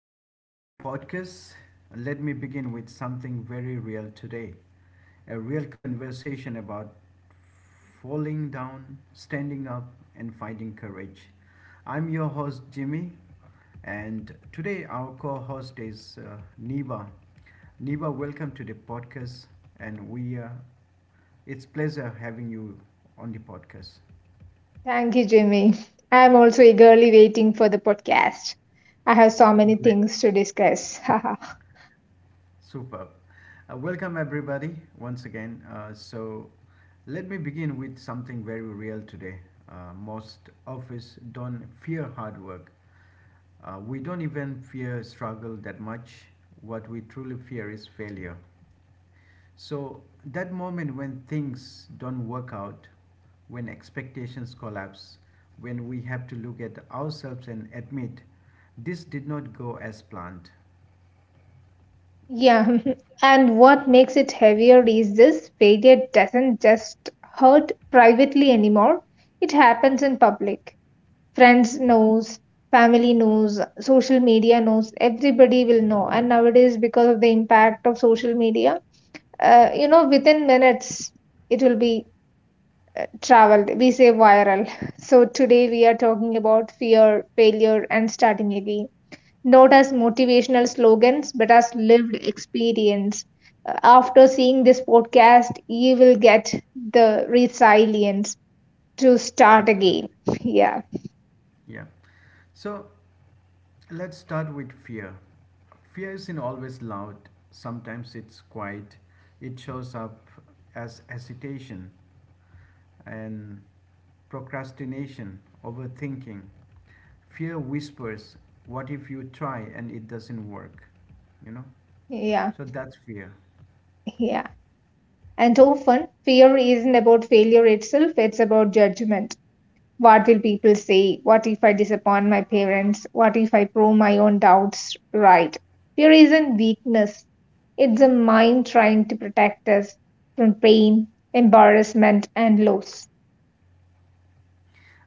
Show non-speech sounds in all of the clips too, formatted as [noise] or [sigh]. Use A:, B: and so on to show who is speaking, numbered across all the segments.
A: Welcome back to the podcast. Let me begin with something very real today, a real conversation about falling down, standing up, and finding courage. I'm your host, Jimmy, and today our co host is Niba. Niba, welcome to the podcast, and we it's pleasure having you on the podcast.
B: Thank you, Jimmy. I am also eagerly waiting for the podcast. I have so many
A: Great.
B: things to discuss.
A: Superb. Welcome, everybody, once again. Let me begin with something very real today. Most of us don't fear hard work. We don't even fear struggle that much. What we truly fear is failure. So, that moment when things don't work out, when expectations collapse, when we have to look at ourselves and admit this did not go as planned.
B: [laughs] yeah, [laughs] and what makes it heavier is this failure doesn't just hurt privately anymore, it happens in public. Friends knows, family knows, social media knows, everybody will know. And nowadays, because of the impact of social media, within minutes, it will be traveled, we say, viral. So today we are talking about fear, failure, and starting again, not as motivational slogans but as lived experience. After seeing this podcast you will get the resilience to start again.
A: Absolutely.
B: Yeah
A: Yeah. So, let's start with fear. Fear isn't always loud, sometimes it's quiet. It shows up as hesitation and procrastination, overthinking. Fear whispers, what if you try and it doesn't work? You know?
B: yeah.
A: So that's fear.
B: yeah and often fear isn't about failure itself, it's about judgment. What will people say? What if I disappoint my parents? What if I prove my own doubts right? Fear isn't weakness, it's the mind trying to protect us from pain, embarrassment, and loss.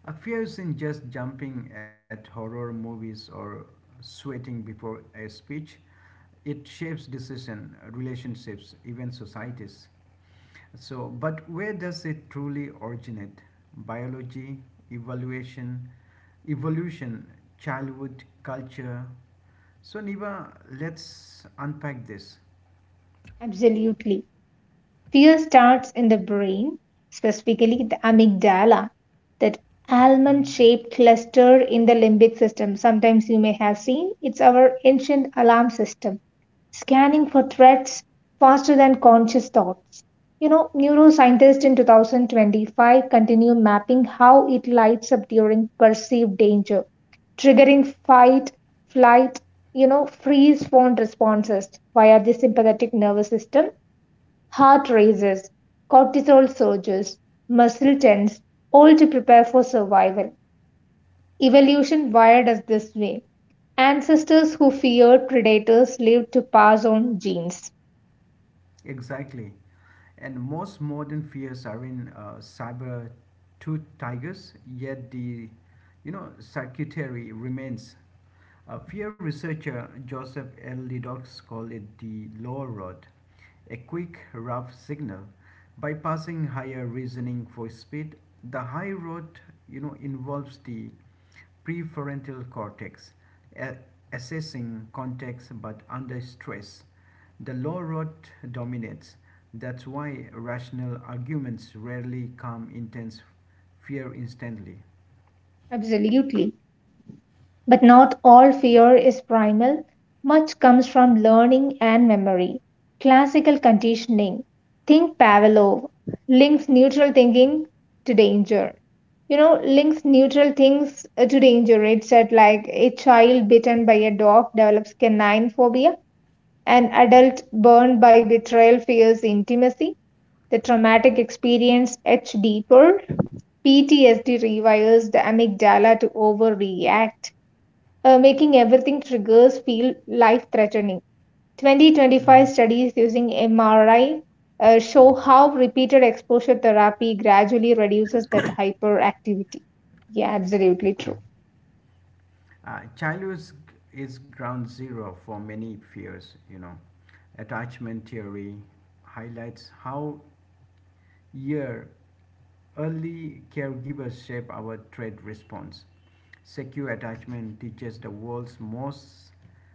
A: A fear isn't just jumping at horror movies or sweating before a speech. It shapes decision, relationships, even societies. So, but where does it truly originate? Biology, evaluation, evolution, childhood, culture. So, Niba, let's unpack this.
B: Absolutely. Fear starts in the brain, specifically the amygdala, that almond
A: Mhm.
B: shaped cluster in the limbic system. Sometimes you may have seen it's our ancient alarm system, scanning for threats faster than conscious thoughts. You know, neuroscientists in 2025 continue mapping how it lights up during perceived danger, triggering fight, flight, freeze phone responses via the sympathetic nervous system. Heart races, cortisol surges, muscle tense, all to prepare for survival. Evolution wired us this way. Ancestors who feared predators lived to pass on genes.
A: Exactly. And most modern fears are in cyber tooth tigers, yet the you know circuitry remains. Fear researcher Joseph L. Lidox called it the low road, a quick, rough signal bypassing higher reasoning for speed. The high road, you know, involves the prefrontal cortex, a- assessing context but under stress. The low road dominates. That's why rational arguments rarely calm intense fear instantly.
B: Absolutely. But not all fear is primal. Much comes from learning and memory. Classical conditioning. Think Pavlov links neutral thinking to danger. You know, links neutral things to danger. It said like a child bitten by a dog develops canine phobia, an adult burned by betrayal fears intimacy. The traumatic experience etched deeper. PTSD rewires the amygdala to overreact, making everything triggers feel life threatening. 2025
A: Mhm.
B: studies using MRI show how repeated exposure therapy gradually reduces that hyperactivity. Yeah, absolutely true.
A: Childhood is ground zero for many fears, you know. Attachment theory highlights how year early caregivers shape our trait response. Secure attachment teaches the world's most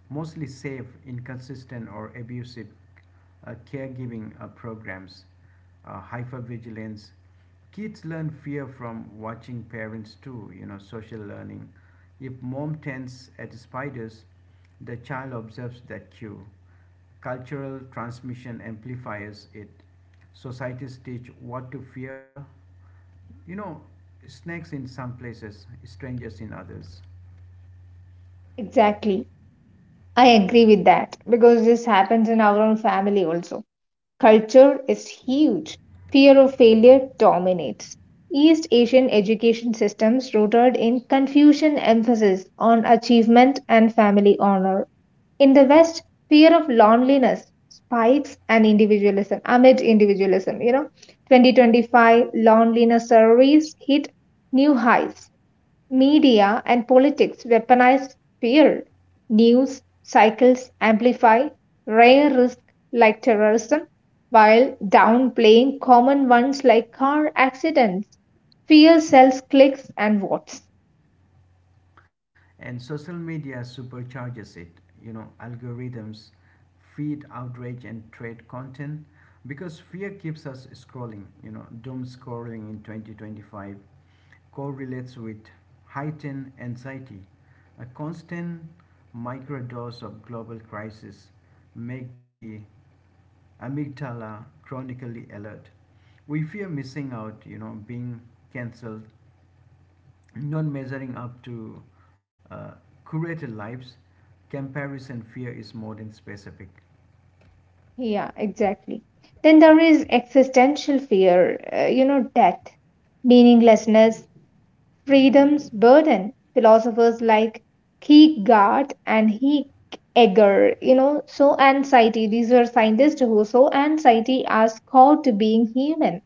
A: mostly safe, inconsistent or abusive caregiving programs hypervigilance. Kids learn fear from watching parents too, you know, social learning. If mom tends at spiders, the child observes that cue. Cultural transmission amplifies it. Societies teach what to fear. You know, snakes in some places, strangers in others.
B: Exactly. I agree with that because this happens in our own family also. Culture is huge. Fear of failure dominates. East Asian education systems rooted in Confucian emphasis on achievement and family honor. In the West, fear of loneliness spikes and individualism amid individualism. You know, 2025 loneliness surveys hit new highs. Media and politics weaponize fear. News cycles amplify rare risks like terrorism while downplaying common ones like car accidents. Fear sells clicks and votes.
A: And social media supercharges it. You know, algorithms feed outrage and trade content because fear keeps us scrolling. You know, doom scrolling in 2025 correlates with heightened anxiety. A constant microdose of global crisis make the amygdala chronically alert. We fear missing out, you know, being cancelled, not measuring up to uh, curated lives. Comparison fear is more than specific.
B: Yeah, exactly. Then there is existential fear, you know, death, meaninglessness, freedom's burden. Philosophers like Kierkegaard and Heidegger, you know, so anxiety. These were scientists who saw anxiety as core to being human.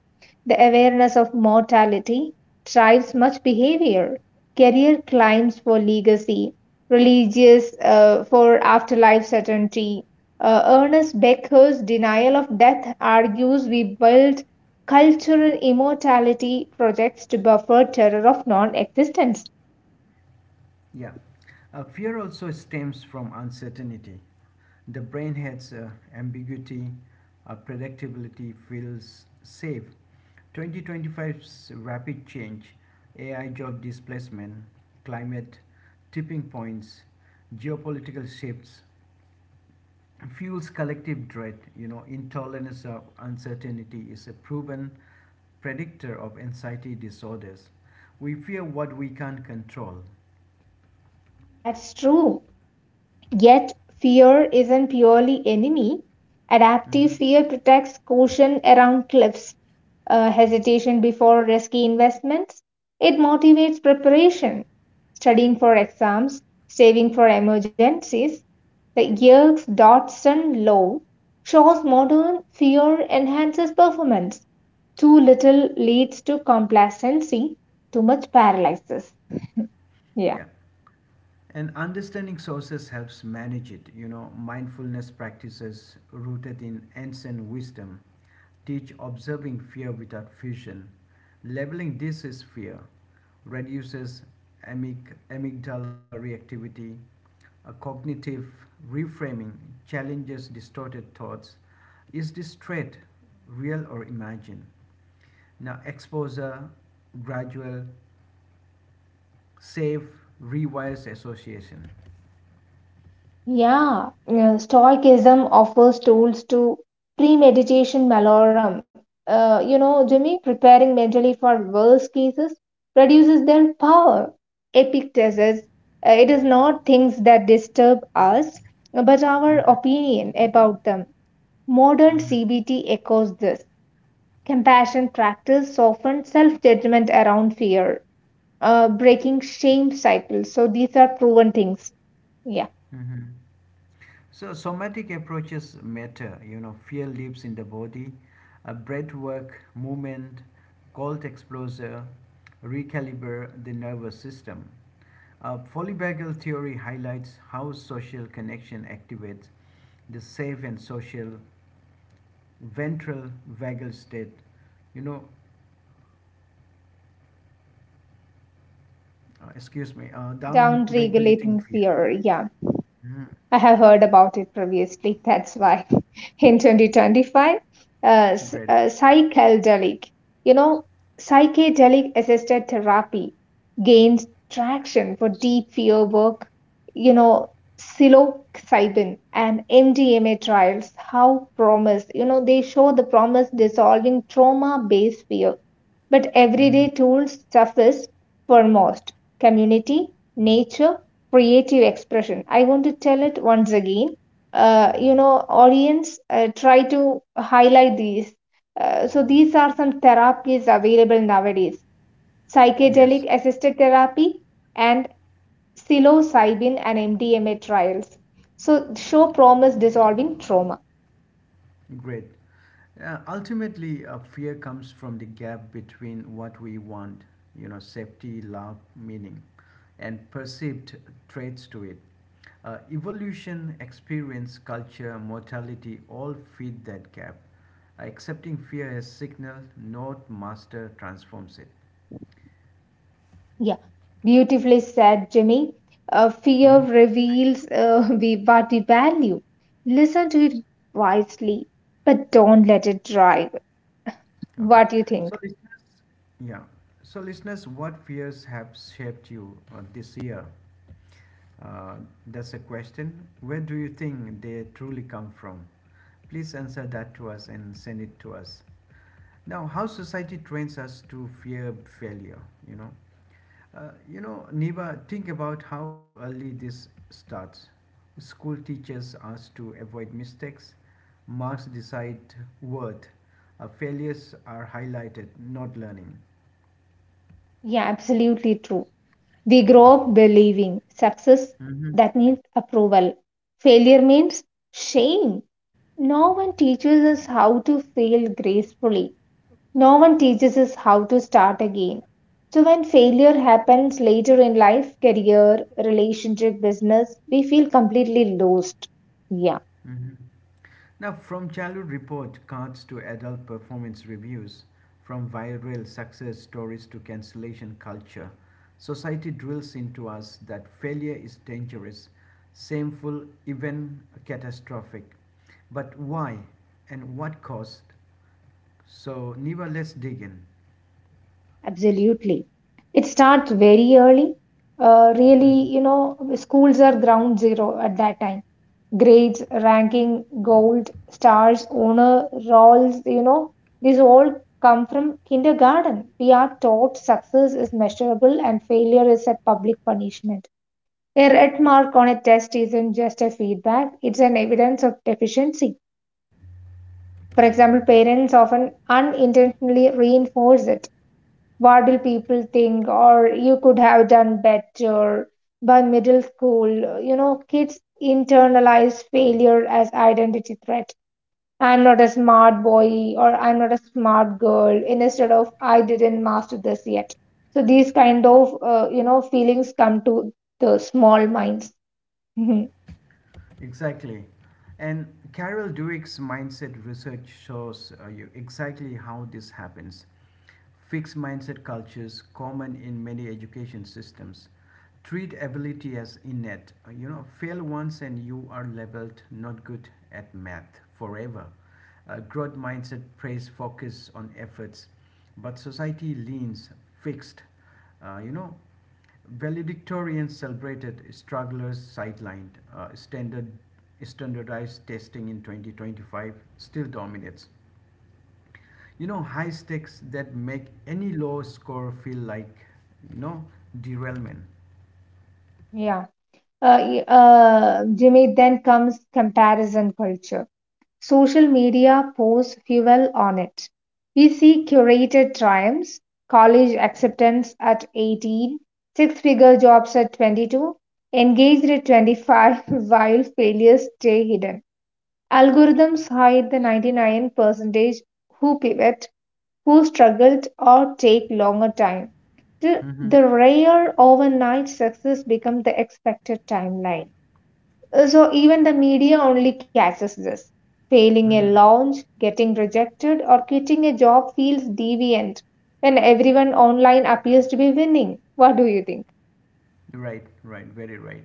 B: The awareness of mortality drives much behavior. Career climbs for legacy, religious for afterlife certainty. Ernest Becker's denial of death argues we build cultural immortality projects to buffer terror of non existence.
A: Yeah. Fear also stems from uncertainty. The brain hates ambiguity, predictability feels safe. 2025's rapid change, AI job displacement, climate tipping points, geopolitical shifts fuels collective dread. You know, intolerance of uncertainty is a proven predictor of anxiety disorders. We fear what we can't control.
B: That's true. Yet, fear isn't purely enemy. Adaptive
A: Mhm.
B: fear protects caution around cliffs, hesitation before risky investments. It motivates preparation, studying for exams, saving for emergencies. The Yerkes Dodson law shows modern fear enhances performance. Too little leads to complacency, too much paralyzes. Yeah.
A: Yeah. And understanding sources helps manage it, you know, mindfulness practices rooted in ancient wisdom teach observing fear without fusion. Labeling this is fear reduces amygdala reactivity, a cognitive reframing challenges distorted thoughts. Is this threat real or imagined? Now, exposure, gradual, safe, rewires association.
B: Yeah, Stoicism offers tools to premeditation malorum. You know, Jimmy, preparing mentally for worst cases reduces their power. Epictetus, it is not things that disturb us, but our
A: Mhm,
B: opinion about them. Modern
A: mhm,
B: CBT echoes this. Compassion practice softens self judgment around fear, breaking shame cycles. So these are proven things. Yeah.
A: mhm. So somatic approaches matter. You know, fear lives in the body. Breath work, movement, cold exposure, recalibrate the nervous system. Polyvagal theory highlights how social connection activates the safe and social ventral vagal state. You know, excuse me,
B: Down
A: down
B: regulating
A: regulating fear.
B: fear. Yeah.
A: Mhm.
B: I have heard about it previously, that's why. [laughs] In 2025,
A: Great.
B: psychedelic, you know, psychedelic assisted therapy gains traction for deep fear work, you know, psilocybin and MDMA trials. How promise, you know, they show the promise dissolving trauma based fear. But
A: Mhm.
B: everyday tools suffice for most community, nature, creative expression. I want to tell it once again. You know, audience, try to highlight these. So, these are some therapies available nowadays: psychedelic
A: Yes,
B: assisted therapy and psilocybin and MDMA trials. So, show promise dissolving trauma.
A: great. Ultimately, fear comes from the gap between what we want, you know, safety, love, meaning, and perceived traits to it. Evolution, experience, culture, mortality all feed that gap. Accepting fear as signal, not master, transforms it.
B: Yeah, beautifully said, Jimmy. Fear
A: Hmm?
B: reveals [laughs] what we value. Listen to it wisely, but don't let it drive.
A: Okay.
B: What do you
A: So,
B: think?
A: listeners, yeah. So, listeners, what fears have shaped you this year? Uh, that's a question. Where do you think they truly come from? Please answer that to us and send it to us. Now, how society trains us to fear failure, you know. You know, Niba, think about how early this starts. School teaches us to avoid mistakes, marks decide worth. Failures are highlighted, not learning.
B: Yeah, absolutely true. We grow up believing success
A: Mm-hmm.
B: that means approval, failure means shame. No one teaches us how to fail gracefully. No one teaches us how to start again. So when failure happens later in life, career, relationship, business, we feel completely lost. Yeah,
A: Mm-hmm. Now, from childhood report cards to adult performance reviews, from viral success stories to cancellation culture, society drills into us that failure is dangerous, shameful, even catastrophic. But why and what cost? So, Niva, let's dig in.
B: absolutely. It starts very early. Really,
A: Mhm.
B: you know, schools are ground zero at that time: grades, ranking, gold, stars, honor, roles, you know, these all come from kindergarten. We are taught success is measurable and failure is a public punishment. A red mark on a test isn't just a feedback, it's an evidence of deficiency. For example, parents often unintentionally reinforce it. What will people think? Or you could have done better by middle school. You know, kids internalize failure as identity threat. I'm not a smart boy or I'm not a smart girl instead of I didn't master this yet. So these kind of you know feelings come to the small minds. [laughs] Mhm.
A: Exactly. And Carol Dweck's mindset research shows you exactly how this happens. Fixed mindset cultures common in many education systems treat ability as innate. You know, fail once and you are labeled not good at math forever. Growth mindset praise focus on efforts, but society leans fixed. You know, valedictorians celebrated, strugglers sidelined. Standardized testing in 2025 still dominates, you know, high stakes that make any low score feel like, you know, derailment.
B: Yeah. Jimmy, then comes comparison culture. Social media pours fuel on it. We see curated triumphs, college acceptance at 18, six figure jobs at 22, engaged at 25, [laughs] while failures stay hidden. Algorithms hide the 99% who pivot, who struggled, or take longer time. The rare overnight success becomes the expected timeline. So even the media only catches this. Failing a
A: Hmm.
B: launch, getting rejected, or quitting a job feels deviant when everyone online appears to be winning. What do you think?
A: Right, right, very right.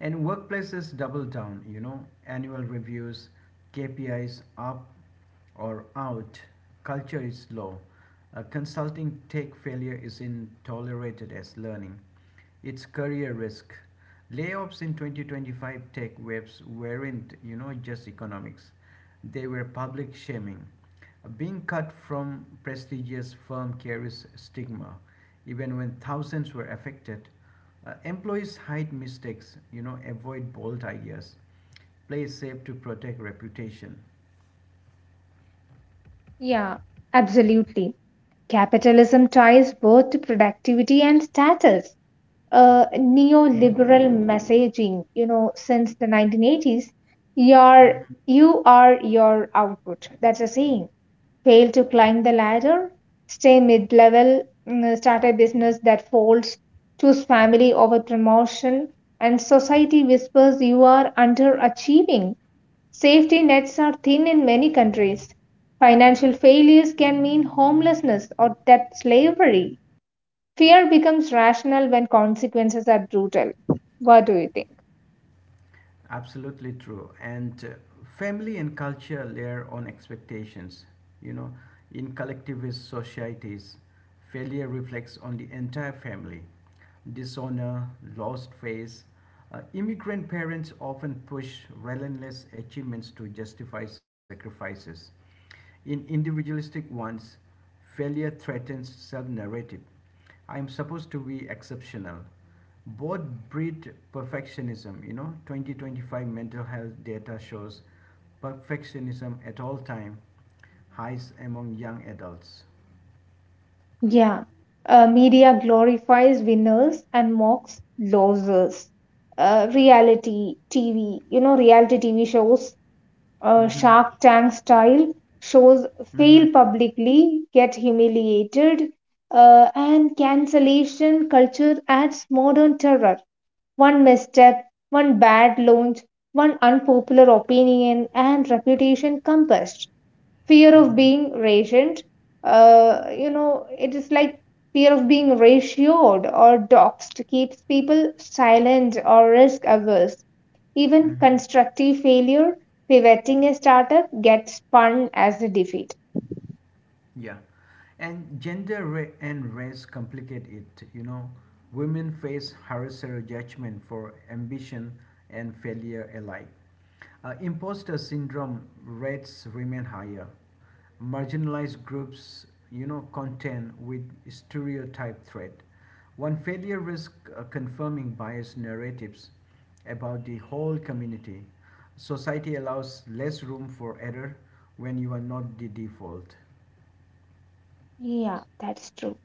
A: And workplaces double down, you know, annual reviews, KPIs, up or out culture is low. Consulting tech failure is in tolerated as learning. It's career risk. Layoffs in 2025 tech waves weren't, you know, just economics. They were public shaming. Being cut from prestigious firm carries stigma. Even when thousands were affected, employees hide mistakes, you know, avoid bold ideas, play safe to protect reputation.
B: Yeah, absolutely. Capitalism ties both to productivity and status. Neoliberal messaging, you know, since the 1980s, your,
A: Mhm.
B: you are your output. That's a saying. Fail to climb the ladder, stay mid level, start a business that folds, choose family over promotion, and society whispers you are underachieving. Safety nets are thin in many countries. Financial failures can mean homelessness or debt slavery. Fear becomes rational when consequences are brutal. What do you think?
A: Absolutely true. And family and culture layer on expectations. You know, in collectivist societies, failure reflects on the entire family. Dishonor, lost face. Immigrant parents often push relentless achievements to justify sacrifices. In individualistic ones, failure threatens self narrative. I am supposed to be exceptional. Both breed perfectionism. You know, 2025 mental health data shows perfectionism at all time highs among young adults.
B: Yeah, media glorifies winners and mocks losers. Reality TV, you know, reality TV shows,
A: Mm-hmm.
B: Shark Tank style shows
A: Mm-hmm.
B: fail publicly, get humiliated, and cancellation culture adds modern terror. One misstep, one bad launch, one unpopular opinion, and reputation compassed. Fear of
A: Mm-hmm.
B: being rationed, you know, it is like fear of being ratioed or doxed keeps people silent or risk averse. Even
A: Mm-hmm.
B: constructive failure, pivoting a startup, gets spun as a defeat.
A: Yeah. And and race complicate it. You know, women face harsher judgment for ambition and failure alike. Imposter syndrome rates remain higher. Marginalized groups, you know, contend with stereotype threat. One failure risks confirming biased narratives about the whole community. Society allows less room for error when you are not the default.
B: Yeah, that's true.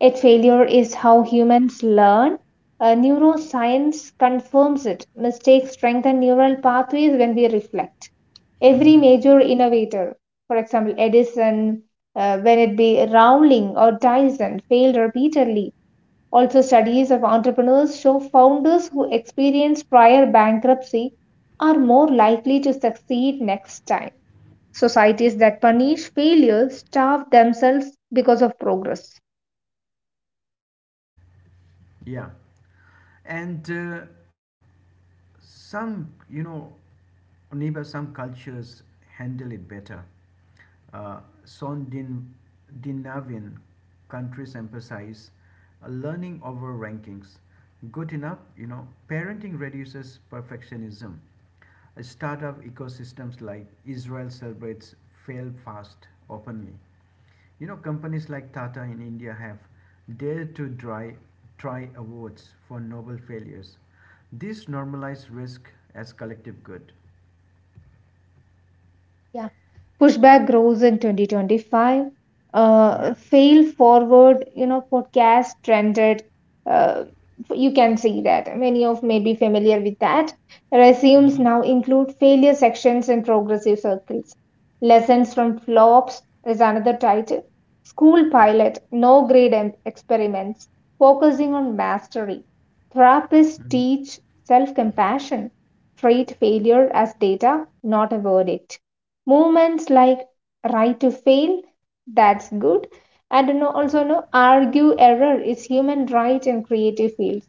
B: Yet failure is how humans learn. Neuroscience confirms it. Mistakes strengthen neural pathways when we reflect. Every
A: Hmm.
B: major innovator, for example, Edison, when it be Rowling or Dyson, failed repeatedly. Also, studies of entrepreneurs show founders who experience prior bankruptcy are more likely to succeed next time. Societies that punish failure starve themselves because of progress.
A: Yeah. And some, you know, neighbor some cultures handle it better. uh, Scandinavian countries emphasize learning over rankings. Good enough, you know, parenting reduces perfectionism. Startup ecosystems like Israel celebrates fail fast openly. You know, companies like Tata in India have dare to try awards for noble failures. This normalize risk as collective good.
B: Yeah, pushback grows in 2025.
A: Yeah.
B: Fail forward, you know, podcast trended. Uh, you can see that many of may be familiar with that. Resumes
A: Mm-hmm.
B: now include failure sections and progressive circles. Lessons from flops is another title. School pilot, no grade experiments, focusing on mastery. Therapists
A: Mm-hmm.
B: teach self compassion. Treat failure as data, not a verdict. Movements like right to fail, that's good, and no, also no argue error is human right in creative fields.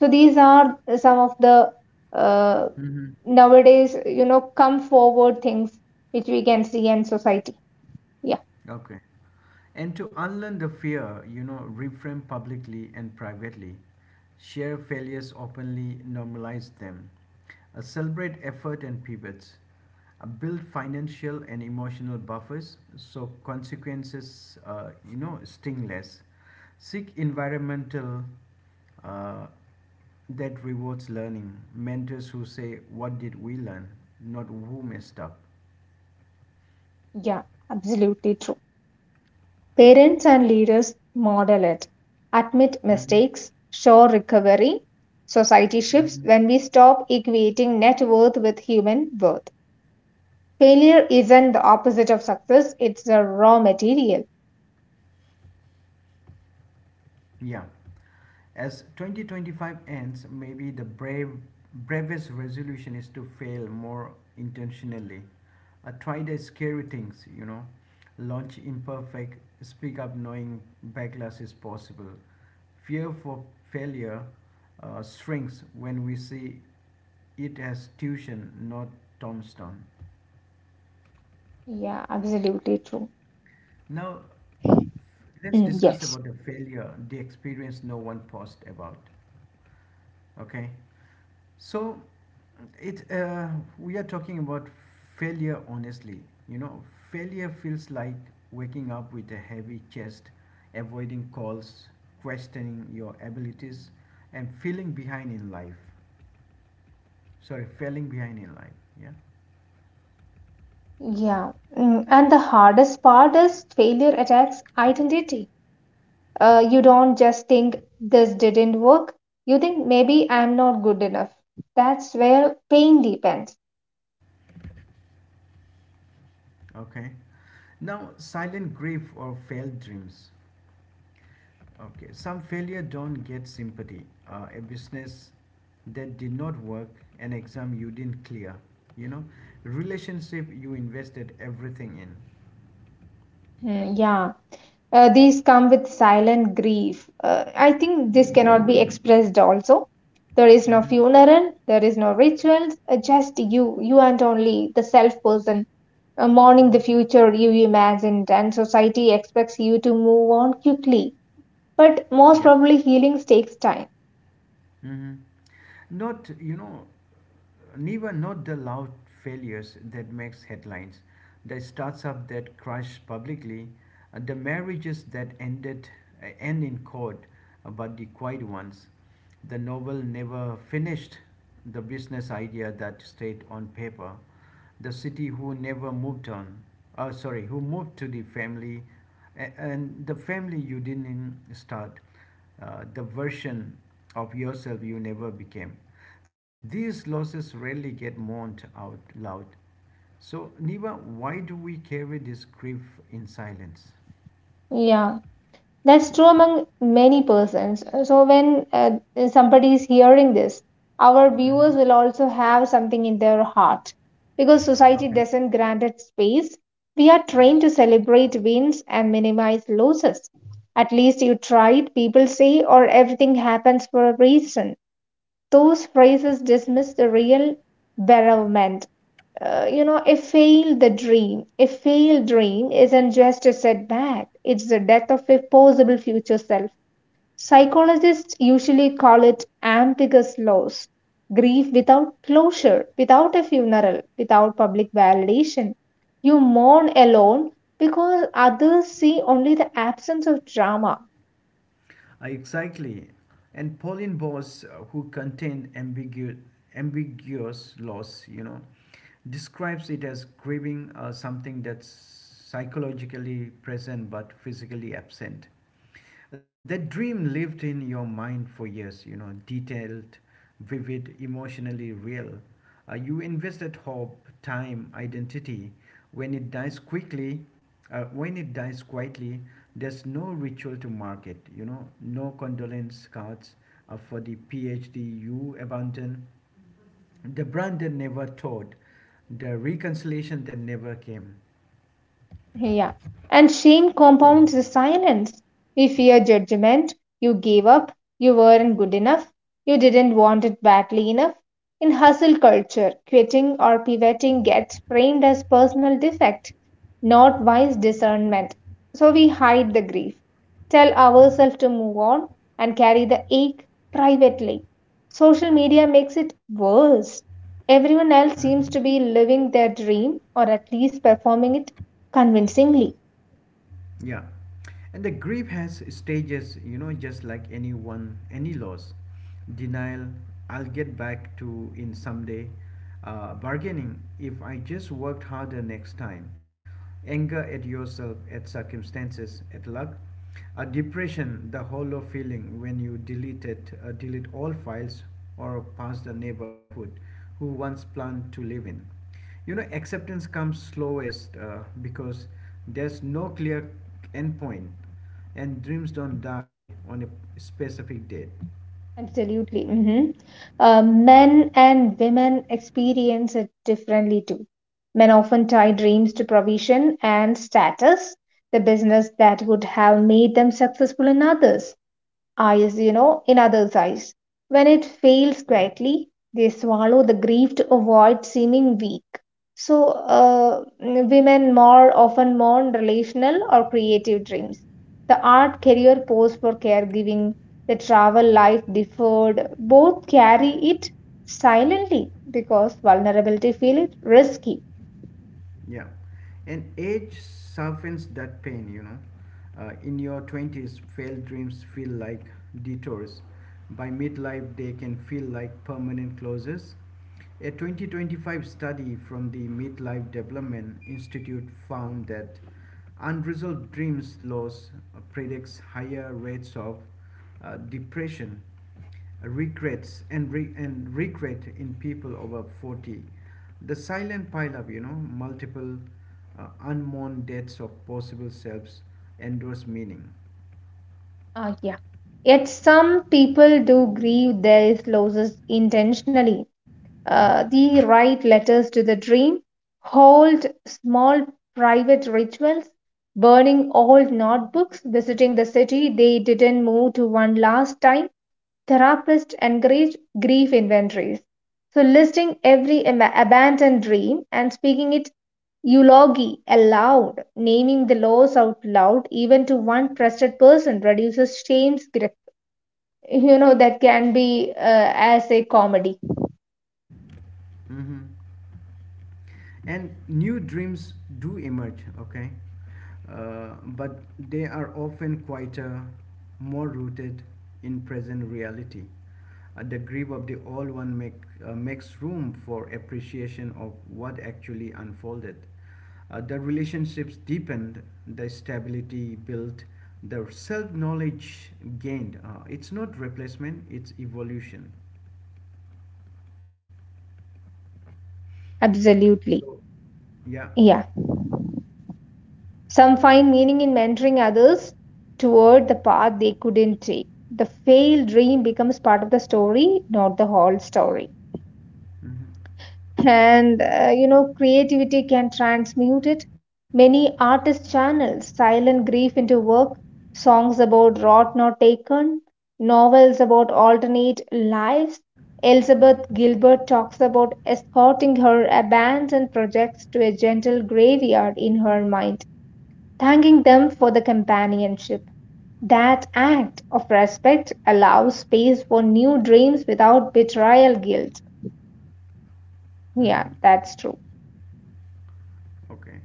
B: So these are some of the uh,
A: Mm-hmm. Mm-hmm.
B: nowadays, you know, come forward things which we can see in society. Yeah.
A: Okay. And to unlearn the fear, you know, reframe publicly and privately, share failures openly, normalize them. Celebrate effort and pivots. Build financial and emotional buffers so consequences, you know, sting less, seek environmental uh, that rewards learning, mentors who say, what did we learn? Not who messed up.
B: Yeah, absolutely true. Parents and leaders model it, admit
A: Hmm.
B: mistakes, show recovery. Society shifts
A: Hmm.
B: when we stop equating net worth with human worth. Failure isn't the opposite of success, it's the raw material.
A: Yeah. As 2025 ends, maybe the bravest resolution is to fail more intentionally. Try the scary things, you know. Launch imperfect, speak up knowing backlash is possible. Fear for failure shrinks when we see it as tuition, not tombstone.
B: Yeah, absolutely true.
A: Now, let's
B: Mm,
A: discuss
B: yes.
A: about the failure, the experience no one posts about. Okay, so it we are talking about failure honestly, you know. Failure feels like waking up with a heavy chest, avoiding calls, questioning your abilities, and feeling behind in life. Sorry, failing behind in life. Yeah.
B: Yeah, mm, and the hardest part is failure attacks identity. You don't just think this didn't work, you think maybe I'm not good enough. That's where pain deepens.
A: Okay, now silent grief or failed dreams. Okay, some failure don't get sympathy. A business that did not work, an exam you didn't clear, you know, relationship you invested everything in.
B: Mm, yeah. These come with silent grief. I think this cannot be expressed also. There is no
A: Mm-hmm.
B: funeral, there is no rituals, just you and only the self person, mourning the future you imagined, and society expects you to move on quickly. But most
A: Yeah.
B: probably, healing takes time.
A: Mm-hmm. Not, you know, Never not the loud failures that makes headlines, the startup that crash publicly, the marriages that end in court, but the quiet ones, the novel never finished, the business idea that stayed on paper, the city who never moved on, sorry, who moved to the family, and the family you didn't start, the version of yourself you never became. These losses rarely get mourned out loud. So, Niva, why do we carry this grief in silence?
B: Yeah. That's true among many persons. So, when somebody is hearing this, our
A: Mhm.
B: viewers will also have something in their heart. Because society
A: Okay.
B: doesn't grant it space, we are trained to celebrate wins and minimize losses. At least you tried, people say, or everything happens for a reason. Those phrases dismiss the real bereavement, you know, a failed the dream. A failed dream isn't just a setback, it's the death of a possible future self. Psychologists usually call it ambiguous loss, grief without closure, without a funeral, without public validation. You mourn alone because others see only the absence of drama.
A: Exactly. And Pauline Boss, who contained ambiguous loss, you know, describes it as grieving something that's psychologically present but physically absent. That dream lived in your mind for years, you know, detailed, vivid, emotionally real. You invested hope, time, identity. When it dies quickly, when it dies quietly, there's no ritual to mark it. You know, no condolence cards for the PhD you abandoned, the brand that never taught, the reconciliation that never came.
B: Yeah. And shame compounds the silence. We fear judgment. You gave up. You weren't good enough. You didn't want it badly enough. In hustle culture, quitting or pivoting gets framed as personal defect, not wise discernment. So we hide the grief, tell
A: Hmm.
B: ourselves to move on, and carry the ache privately. Social media makes it worse. Everyone else
A: Hmm.
B: seems to be living their dream or at least performing it convincingly.
A: Yeah. And the grief has stages, you know, just like anyone, any loss. Denial, I'll get back to in someday. Bargaining, if I just worked harder next time. Anger at yourself, at circumstances, at luck. A depression, the hollow feeling when you delete all files or pass the neighborhood who once planned to live in. You know, acceptance comes slowest because there's no clear endpoint, and dreams don't die on a specific date.
B: Absolutely. Mhm. Men and women experience it differently too. Men often tie dreams to provision and status, the business that would have made them successful in others. Eyes, you know, in others' eyes. When it fails quietly, they swallow the grief to avoid seeming weak. So, women more often mourn relational or creative dreams. The art career pose for caregiving, the travel life deferred, both carry it silently because vulnerability feel it risky.
A: Yeah, and age softens that pain, you know. In your 20s, failed dreams feel like detours. By midlife, they can feel like permanent closures. A 2025 study from the Midlife Development Institute found that unresolved dreams loss predicts higher rates of depression regrets and regret in people over 40, the silent pileup, you know, multiple unmourned deaths of possible selves endorse meaning.
B: Yeah. Yet some people do grieve their losses intentionally, the write letters to the dream, hold small private rituals, burning old notebooks, visiting the city they didn't move to one last time. Therapists encourage grief inventories. So, listing every abandoned dream and speaking it eulogy aloud, naming the loss out loud, even to one trusted person, reduces shame's grip. You know, that can be as a comedy.
A: Mm-hmm. And new dreams do emerge, okay, but they are often quieter, more rooted in present reality. Uh, the grip of the old one make, makes room for appreciation of what actually unfolded. The relationships deepened, the stability built, the self-knowledge gained. It's not replacement, it's evolution.
B: Absolutely.
A: So yeah.
B: Yeah. Some find meaning in mentoring others toward the path they couldn't take. The failed dream becomes part of the story, not the whole story. And you know, creativity can transmute it. Many artists channel silent grief into work, songs about rot not taken, novels about alternate lives. Elizabeth Gilbert talks about escorting her abandoned projects to a gentle graveyard in her mind, thanking them for the companionship. That act of respect allows space for new dreams without betrayal guilt. Yeah,
A: Hmm.
B: that's true.
A: Okay.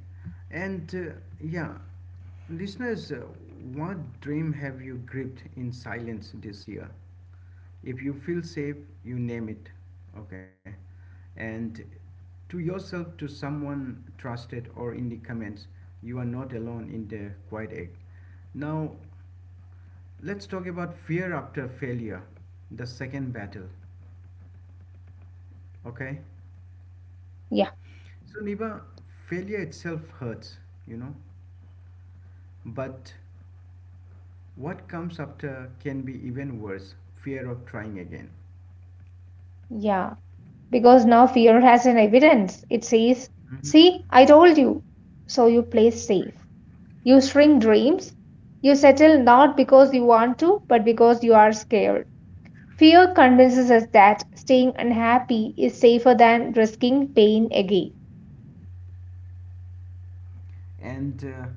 A: And yeah, listeners, what dream have you gripped in silence this year? If you feel safe, you name it. Okay. And to yourself, to someone trusted, or in the comments, you are not alone in the quiet act. Now, let's talk about fear after failure, the second battle. Okay.
B: Yeah,
A: So, Niba, failure itself hurts, you know, but what comes after can be even worse, fear of trying again.
B: yeah. Because now fear has an evidence. It says,
A: Mhm.
B: see, I told you. So you play safe. You shrink dreams. You settle not because you want to, but because you are scared. Fear convinces us that staying unhappy is safer than risking pain again.
A: And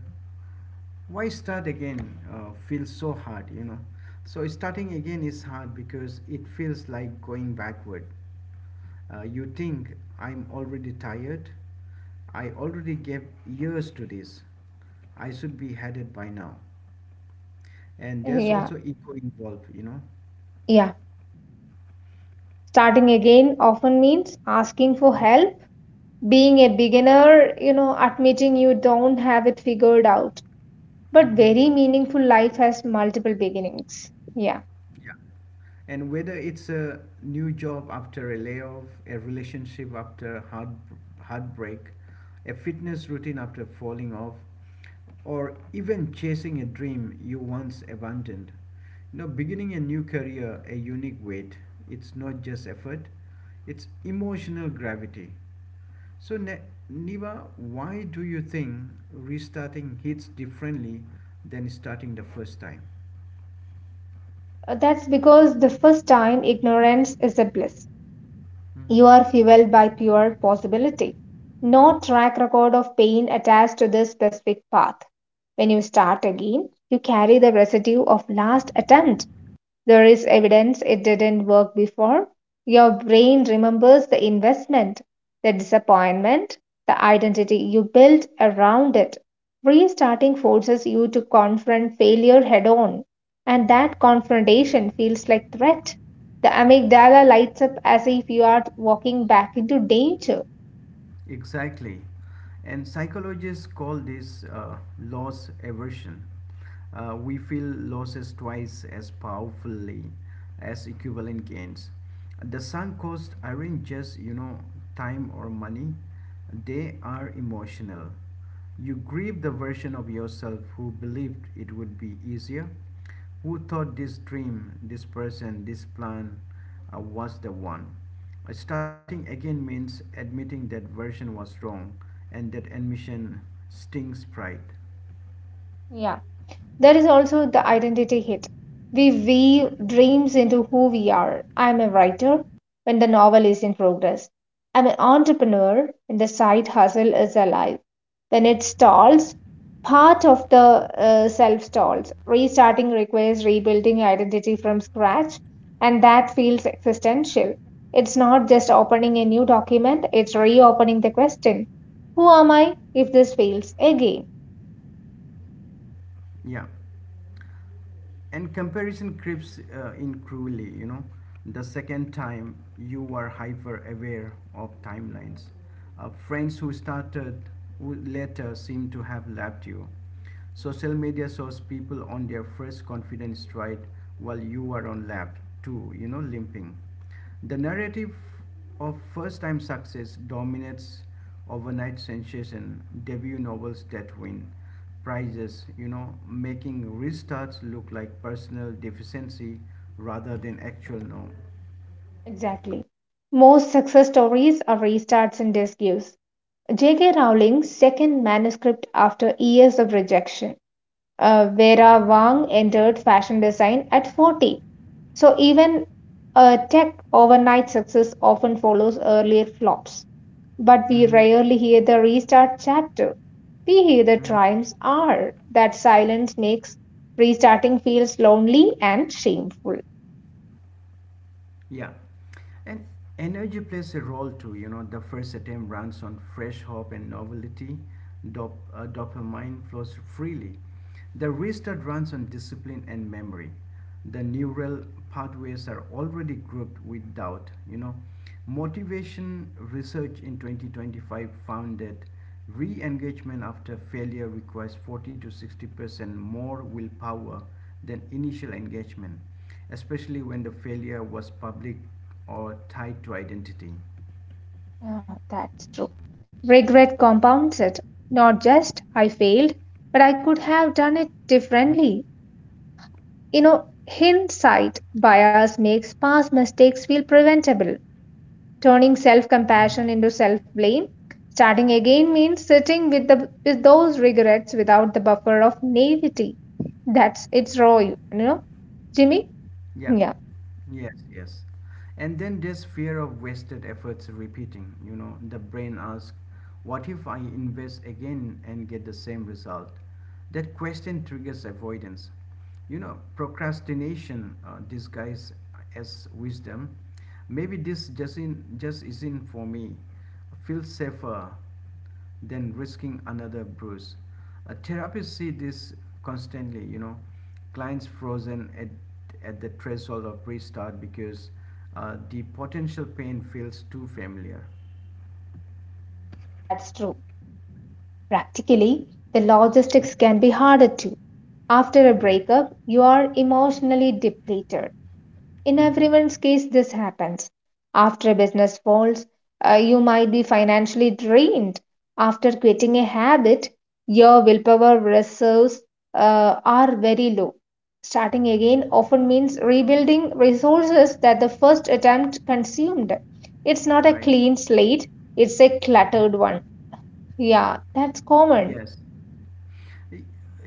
A: why start again feels so hard, you know? So, starting again is hard because it feels like going backward. You think, I'm already tired. I already gave years to this. I should be headed by now. And there's
B: Yeah,
A: also ego involved, you know?
B: yeah. Starting again often means asking for help, being a beginner, you know, admitting you don't have it figured out. But
A: Mm-hmm.
B: very meaningful life has multiple beginnings. Yeah.
A: Yeah. And whether it's a new job after a layoff, a relationship after heartbreak, a fitness routine after falling off, or even chasing a dream you once abandoned. You know, beginning a new career, a unique weight, it's not just effort, it's emotional gravity. So, Niva, why do you think restarting hits differently than starting the first time?
B: That's because the first time ignorance is a bliss.
A: Mhm.
B: You are fueled by pure possibility. No track record of pain attached to this specific path. When you start again, you carry the residue of last attempt. There is evidence it didn't work before. Your brain remembers the investment, the disappointment, the identity you built around it. Restarting forces you to confront failure head on, and that confrontation feels like threat. The amygdala lights up as if you are walking back into danger.
A: Exactly. And psychologists call this loss aversion. We feel losses twice as powerfully as equivalent gains. The sunk costs aren't just, you know, time or money, they are emotional. You grieve the version of yourself who believed it would be easier, who thought this dream, this person, this plan was the one? Starting again means admitting that version was wrong, and that admission stings pride.
B: Yeah. There is also the identity hit. We weave dreams into who we are. I am a writer when the novel is in progress. I am an entrepreneur when the side hustle is alive. When it stalls, part of the self stalls. Restarting requires rebuilding identity from scratch, and that feels existential. It's not just opening a new document, it's reopening the question, who am I if this fails again?
A: Yeah. And comparison creeps in cruelly, you know. The second time, you are hyper aware of timelines. Friends who started later seem to have left you. Social media shows people on their first confident stride while you are on lap 2, you know, limping. The narrative of first time success dominates, overnight sensation debut novels that win prizes, you know, making restarts look like personal deficiency rather than actual norm.
B: Exactly. Most success stories are restarts and disuse. J.K. Rowling's second manuscript after years of rejection. Vera Wang entered fashion design at 40. So, even a tech overnight success often follows earlier flops. But we
A: Mm-hmm.
B: rarely hear the restart chapter. We hear the
A: Mm-hmm.
B: triumphs are. That silence makes restarting feels lonely and shameful.
A: Yeah. And energy plays a role too. You know, the first attempt runs on fresh hope and novelty. Dopamine flows freely. The restart runs on discipline and memory. The neural pathways are already grouped with doubt, you know. Motivation research in 2025 found that re-engagement after failure requires 40 to 60% more willpower than initial engagement, especially when the failure was public or tied to identity.
B: Yeah, that's true. Regret compounds it. Not just I failed, but I could have done it differently. You know, hindsight bias makes past mistakes feel preventable, turning self
A: Mhm.
B: compassion into self blame. Starting again means sitting with those regrets without the buffer of naivety. That's it's raw, you know, Jimmy?
A: Yeah.
B: Yeah,
A: Yes, yes. And then there's fear of wasted efforts repeating. You know, the brain asks, what if I invest again and get the same result? That question triggers avoidance. You know, procrastination disguised as wisdom. Maybe this just isn't for me. Feel safer than risking another bruise. A therapist see this constantly, you know, clients frozen at the threshold of restart because the potential pain feels too familiar.
B: that's true. Practically, the logistics
A: Mm.
B: can be harder too. After a
A: Yes.
B: breakup, you are emotionally depleted. In
A: Hmm.
B: everyone's case, this happens. After a business falls, you might be financially drained. After quitting a habit, your willpower reserves are very low. Starting again often means rebuilding resources that the first attempt consumed. It's not a
A: Right.
B: clean slate, it's a cluttered
A: Mhm.
B: one. Yeah, that's common.
A: Yes.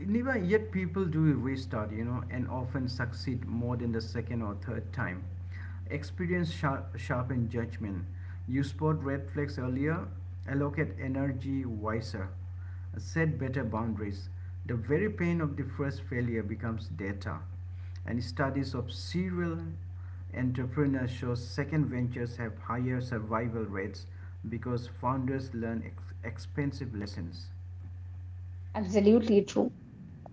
A: Neva, yet people do restart, you know, and often succeed more than the second or third time. Experience sharpen judgment. You spot red flags earlier, allocate energy wiser, set better boundaries. The very pain of the first failure becomes data. And studies of serial entrepreneurs show second ventures have higher survival rates because founders learn expensive lessons.
B: Absolutely true.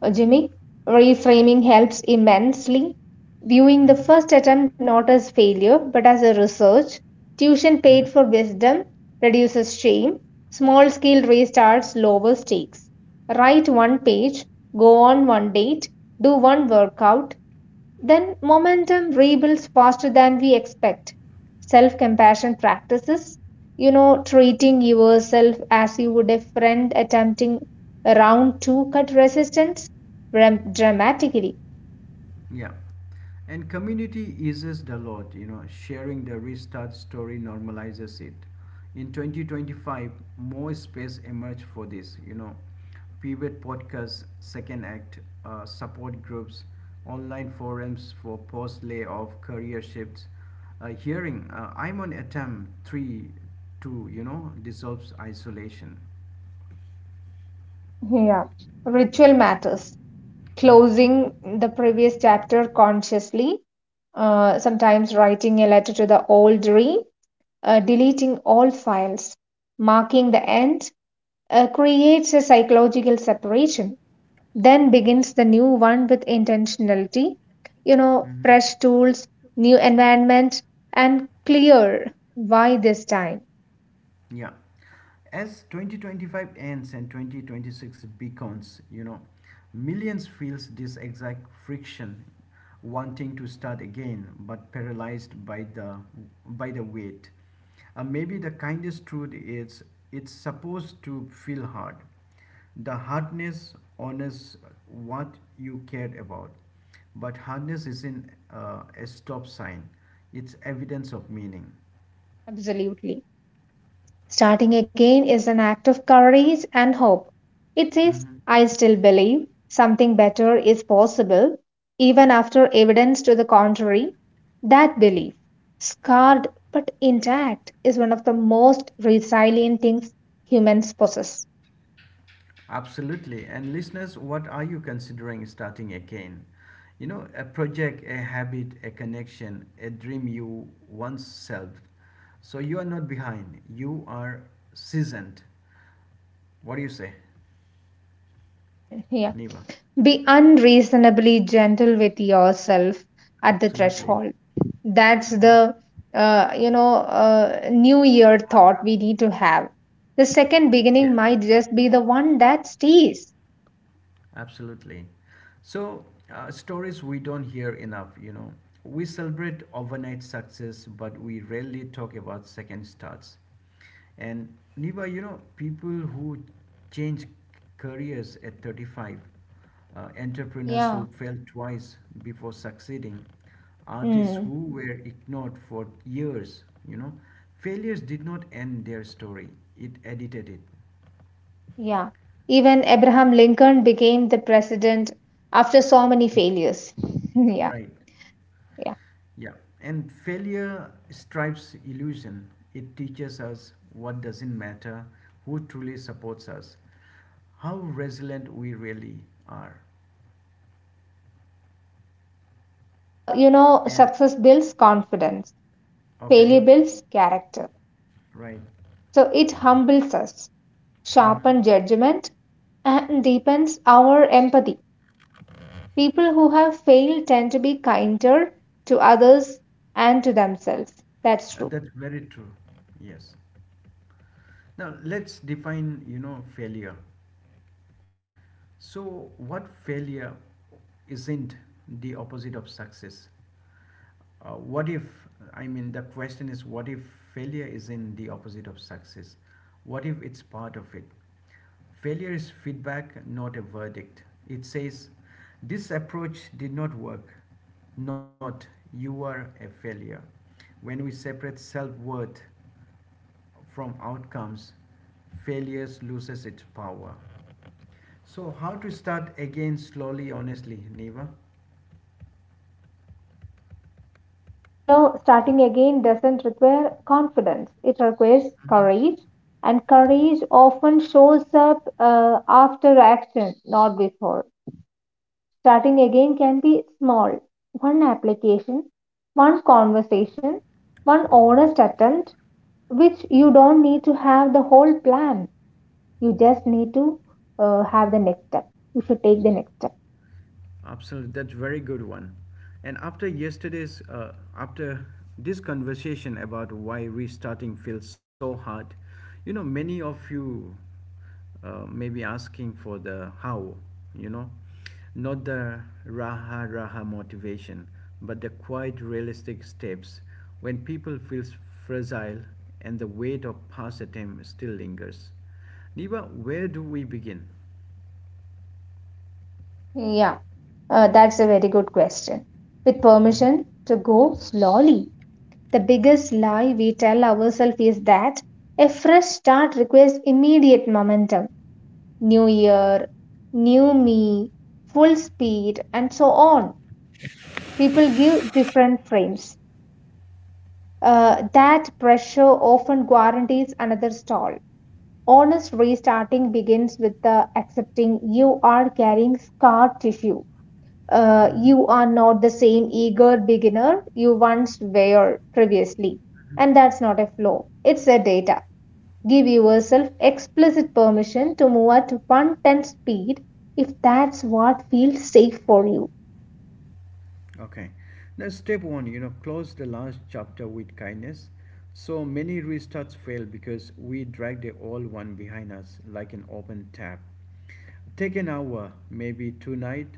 B: Jimmy, reframing helps immensely. Viewing the
A: Mhm.
B: first attempt not as failure but as a research, tuition paid
A: Hmm.
B: for wisdom reduces shame. Small scale restarts lower stakes. Write one page, go on one date, do one workout, then momentum rebuilds faster than we expect. Self compassion practices, you know, treating yourself as you would a friend attempting a round two cut resistance dramatically.
A: Yeah. And community eases the load, you know, sharing the restart story normalizes it. In 2025, more space emerged for this, you know, pivot podcasts, second act, support groups, online forums for post layoff, career shifts, hearing. I'm on attempt three, two, you know, dissolves isolation.
B: Yeah. Ritual matters.
A: Mhm,
B: Closing the previous chapter consciously, sometimes writing a letter to the old, deleting all files, marking the end, creates a psychological separation. Then begins the new one with intentionality, you know,
A: mhm.
B: fresh tools, new environment, and clear why this time.
A: Yeah. As 2025 ends and 2026 beckons, you know, millions feels this exact friction, wanting to start again but paralyzed by the weight. Maybe the kindest truth is it's supposed to feel hard. The hardness honors what you cared about, but hardness isn't a stop sign. It's evidence of meaning.
B: Absolutely. Starting again is an act of courage and hope. It says,
A: Hmm.
B: I still believe something better is possible, even after evidence to the contrary. That belief, scarred but intact, is one of the most resilient things humans possess.
A: Absolutely. And listeners, what are you considering starting again? You know, a project, a habit, a connection, a dream you once served. So you are not behind, you are seasoned. What do you say,
B: Hmm. Yeah.
A: Niva?
B: Be unreasonably gentle with yourself at the
A: Absolutely.
B: threshold. That's
A: Mhm.
B: the new year thought
A: Mantra.
B: we need to have. The second
A: Yes.
B: beginning might just be the one that stays.
A: Absolutely. So, stories we don't hear enough, you know. We celebrate overnight success, but we rarely talk about second starts. And Niba, you know, people who change careers at 35, entrepreneurs who
B: Yeah.
A: failed twice before succeeding, artists
B: Mm,
A: who were ignored for years, you know, failures did not end their story, it edited it.
B: yeah. Even Abraham Lincoln became the president after so many failures. [laughs] Yeah,
A: Right.
B: yeah.
A: Yeah, and failure stripes illusion. It teaches us what doesn't matter, who truly supports us, how resilient we really are.
B: You know,
A: And
B: success builds confidence,
A: okay,
B: failure builds character.
A: right.
B: So it humbles us,
A: Mm-hmm.
B: sharpen judgment, and deepens our empathy. People who have failed tend to be kinder to others and to themselves. That's true.
A: That's very true. Yes. Now let's define, you know, failure. So, what failure isn't the opposite of success? What if, I mean, The question is, what if failure isn't the opposite of success? What if it's part of it? Failure is feedback, not a verdict. It says, this approach did not work, not you are a failure. When we separate self worth from outcomes, failures loses its power. So how to start again slowly, honestly, Neva?
B: You know, starting again doesn't require confidence, it requires courage. And courage often shows up after action, not before. Starting again can be small, one application, one conversation, one honest attempt, which you don't need to have the whole plan. You just need to have the next step. You should take the next step.
A: Absolutely, that's very good one. And after this conversation about why restarting feels so hard, you know, many of you may be asking for the how, you know, not the raha raha motivation, but the quite realistic steps when people feel fragile and the weight of past attempt still lingers. Niba, where do we begin?
B: Yeah, that's a very good question. With permission to go slowly. The biggest lie we tell ourselves is that a fresh start requires immediate momentum, new year, new me, full speed, and so on. People give different frames. That pressure often guarantees another stall. Honest restarting begins with the accepting you are carrying scar tissue. You are not the same eager beginner you once were previously. And that's not a flaw, it's a data. Give yourself explicit permission to move at one tenth speed if that's what feels safe for you.
A: Okay. Now, step one, you know, close the last chapter with kindness. So many restarts fail because we drag the old one behind us like an open tab. Take an hour, maybe tonight,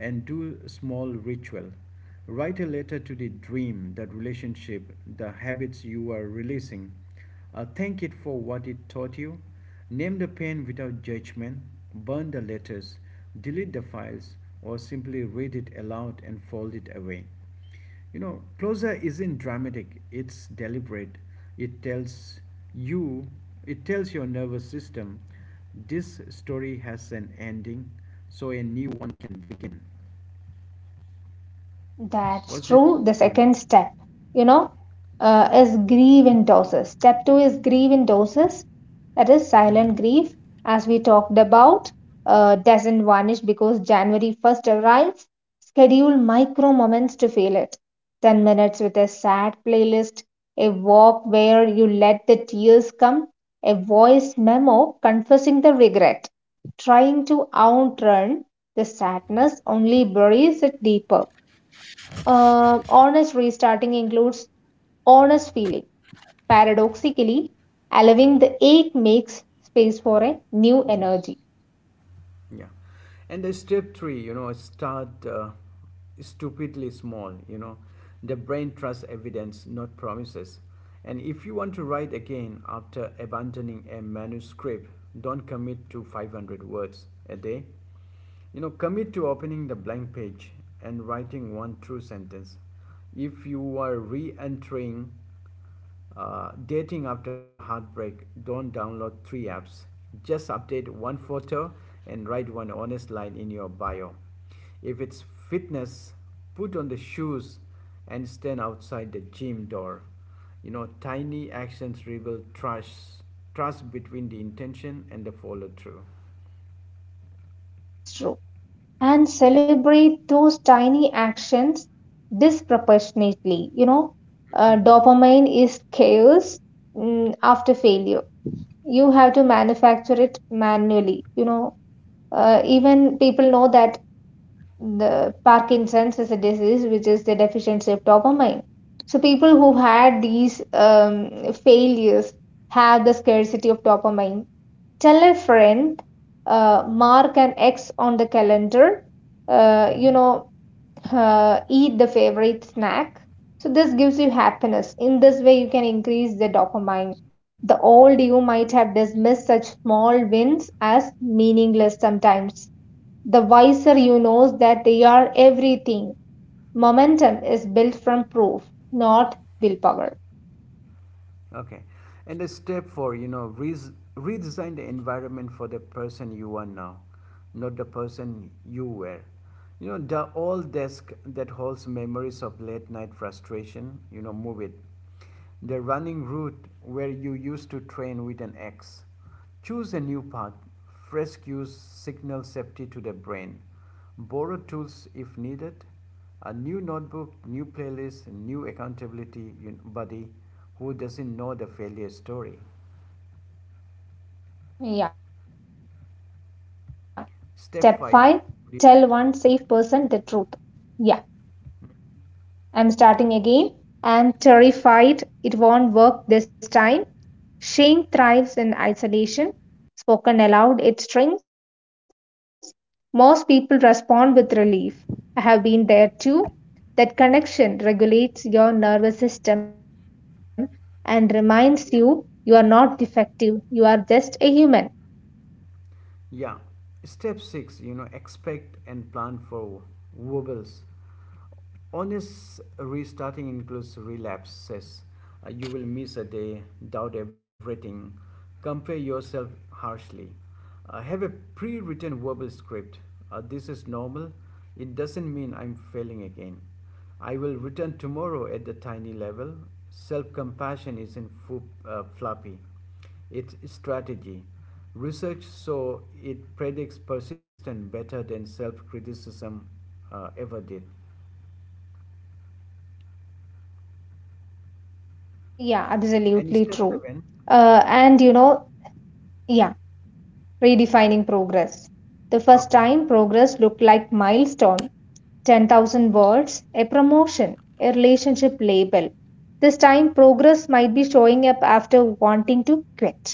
A: and do a small ritual. Write a letter to the dream, that relationship, the habits you are releasing. Thank it for what it taught you. Name the pain without judgment, burn the letters, delete the files, or simply read it aloud and fold it away. You know, closure isn't dramatic, it's deliberate. It tells you, it tells your nervous system, this story has an ending, so a new one can. What's it,
B: That's true. The
A: Tony?
B: second step, you know, is grieve in doses. Step two is grieve in doses. That is silent grief, as we talked about, doesn't vanish because January 1st arrives. Schedule micro moments to feel it. 10 minutes with a sad playlist, a walk where you let the tears come, a voice memo confessing the regret. Trying to outrun the sadness only buries it deeper. Honest restarting includes honest feeling. Paradoxically, allowing the ache makes space for a new energy.
A: Yeah. And the step three, you know, start stupidly small, you know. The brain trusts evidence, not promises. And if you want to write again after abandoning a manuscript, don't commit to 500 words a day. You know, commit to opening the blank page and writing one true sentence. If you are re entering dating after heartbreak, don't download three apps. Just update one photo and write one honest line in your bio. If it's fitness, put on the shoes and stand outside the gym door. You know, tiny actions rebuild trust, trust between the intention and the follow through.
B: That's true. And celebrate those tiny actions disproportionately. You know, dopamine is chaos after failure. You have to manufacture it manually. You know, even people know that the Parkinson's is a disease which is the deficiency of dopamine. So people who had these failures have the scarcity of dopamine. Tell a friend, mark an X on the calendar. Uh, you
A: Mm-hmm.
B: know, eat the favorite snack. So this gives you happiness. In this way, you can increase the dopamine. The old you might have dismissed such small wins as meaningless sometimes the wiser you knows that they are everything. Momentum is built from proof, not willpower.
A: Okay. And the step four, you know, re redesign the environment for the person you are now, not the person you were. You know, the old desk that holds memories of late night frustration, you know, move it. The running route where you used to train with an axe. Choose a new path. Fresh cues signal safety to the brain. Borrow tools if needed. A new notebook, new playlist, new accountability buddy who doesn't know the failure story.
B: Yeah. Step 5,
A: Step 5
B: tell one safe
A: react.
B: person the truth. Yeah. I'm starting again. I'm terrified it won't work this time. Shame thrives in isolation. Spoken aloud, it shrinks. Most people respond with relief. I have been there too. That connection regulates your nervous system and reminds you you are not
A: Yeah.
B: defective, you are just a human.
A: Yeah. Step 6, you know, expect and plan for wobbles. Honest restarting includes relapses. You will miss a day, doubt everything, compare yourself harshly. Have a pre written verbal script. This is normal. It doesn't mean I'm failing again. I will return tomorrow at the tiny level. Self compassion isn't floppy, it's strategy. Research shows it predicts persistence better than self criticism ever did.
B: Yeah,
A: And
B: absolutely
A: step
B: true.
A: seven,
B: And
A: yeah,
B: you know, yeah redefining progress. The first
A: okay.
B: time progress looked like milestone, 10,000 words, a promotion, a relationship label. This time progress might be showing up after wanting to quit,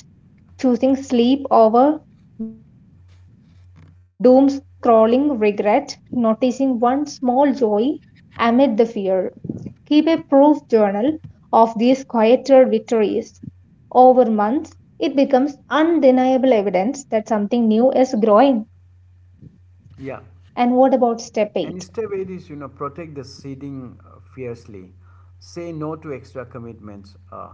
B: choosing sleep over doom scrolling regret, noticing one small joy amid the fear. Keep a proof journal of these quieter victories. Over months, it becomes undeniable evidence that something new is growing. And what
A: Yeah.
B: about step 8?
A: And step eight is, you know, protect the seeding fiercely. Say no to extra commitments.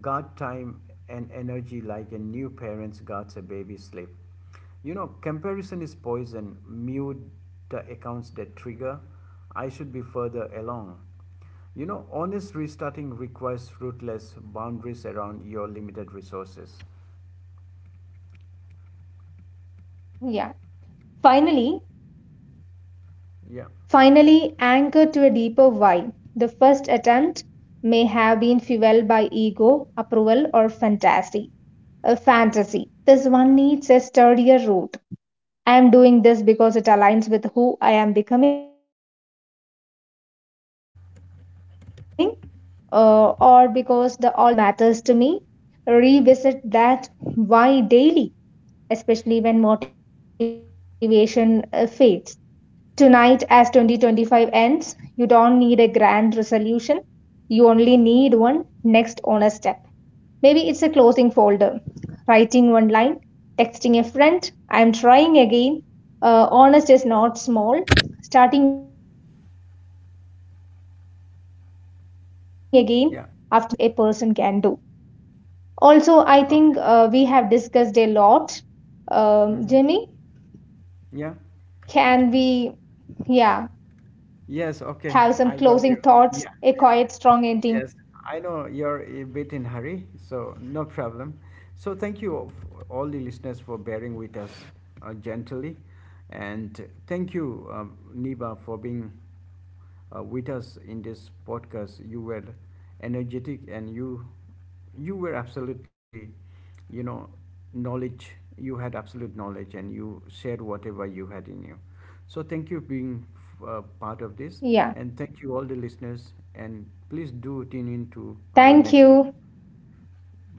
A: Guard time and energy like a new parent guards a baby sleep. You know, comparison is poison. Mute the accounts that trigger. I should be further along. You know, honest restarting requires fruitless boundaries around your limited resources.
B: Yeah. Finally,
A: Yeah.
B: Finally, anchor to a deeper why. The first attempt may have been fueled by ego, approval, or fantasy. A fantasy. This one needs a sturdier root. I am doing this because it aligns with who I am becoming, or because the alternative is low regret, or simply because it still matters to me. Revisit that why daily, especially when motivation fades. Tonight, as 2025 ends, you don't need a grand resolution. You only need one next honest step. Maybe it's a closing folder, writing one line, texting a friend, I'm trying again. Honest is not small. Starting again after knowing how hard it can be, one of the
A: Yeah.
B: bravest things a person can do.
A: Okay.
B: Also, I think we have discussed a lot.
A: Mm-hmm.
B: Jimmy,
A: Yeah.
B: can we? Yeah,
A: Yes. Okay. I got
B: have
A: you.
B: some closing
A: Yeah.
B: thoughts, a quiet,
A: Yes.
B: strong
A: I
B: ending.
A: know you're a bit in hurry, so no problem. So thank you all the listeners for bearing with us gently, and thank you, Niba, for being with us in this podcast. You were energetic and you were absolutely, you know, knowledge, you had absolute knowledge and you shared whatever you had in you, so thank you being part of
B: Yeah.
A: this. And thank you all the listeners, and please do tune in to our
B: Thank
A: next episode.
B: you.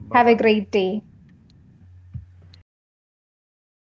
A: Bye
B: Have a
A: bye.
B: great day. Bye bye.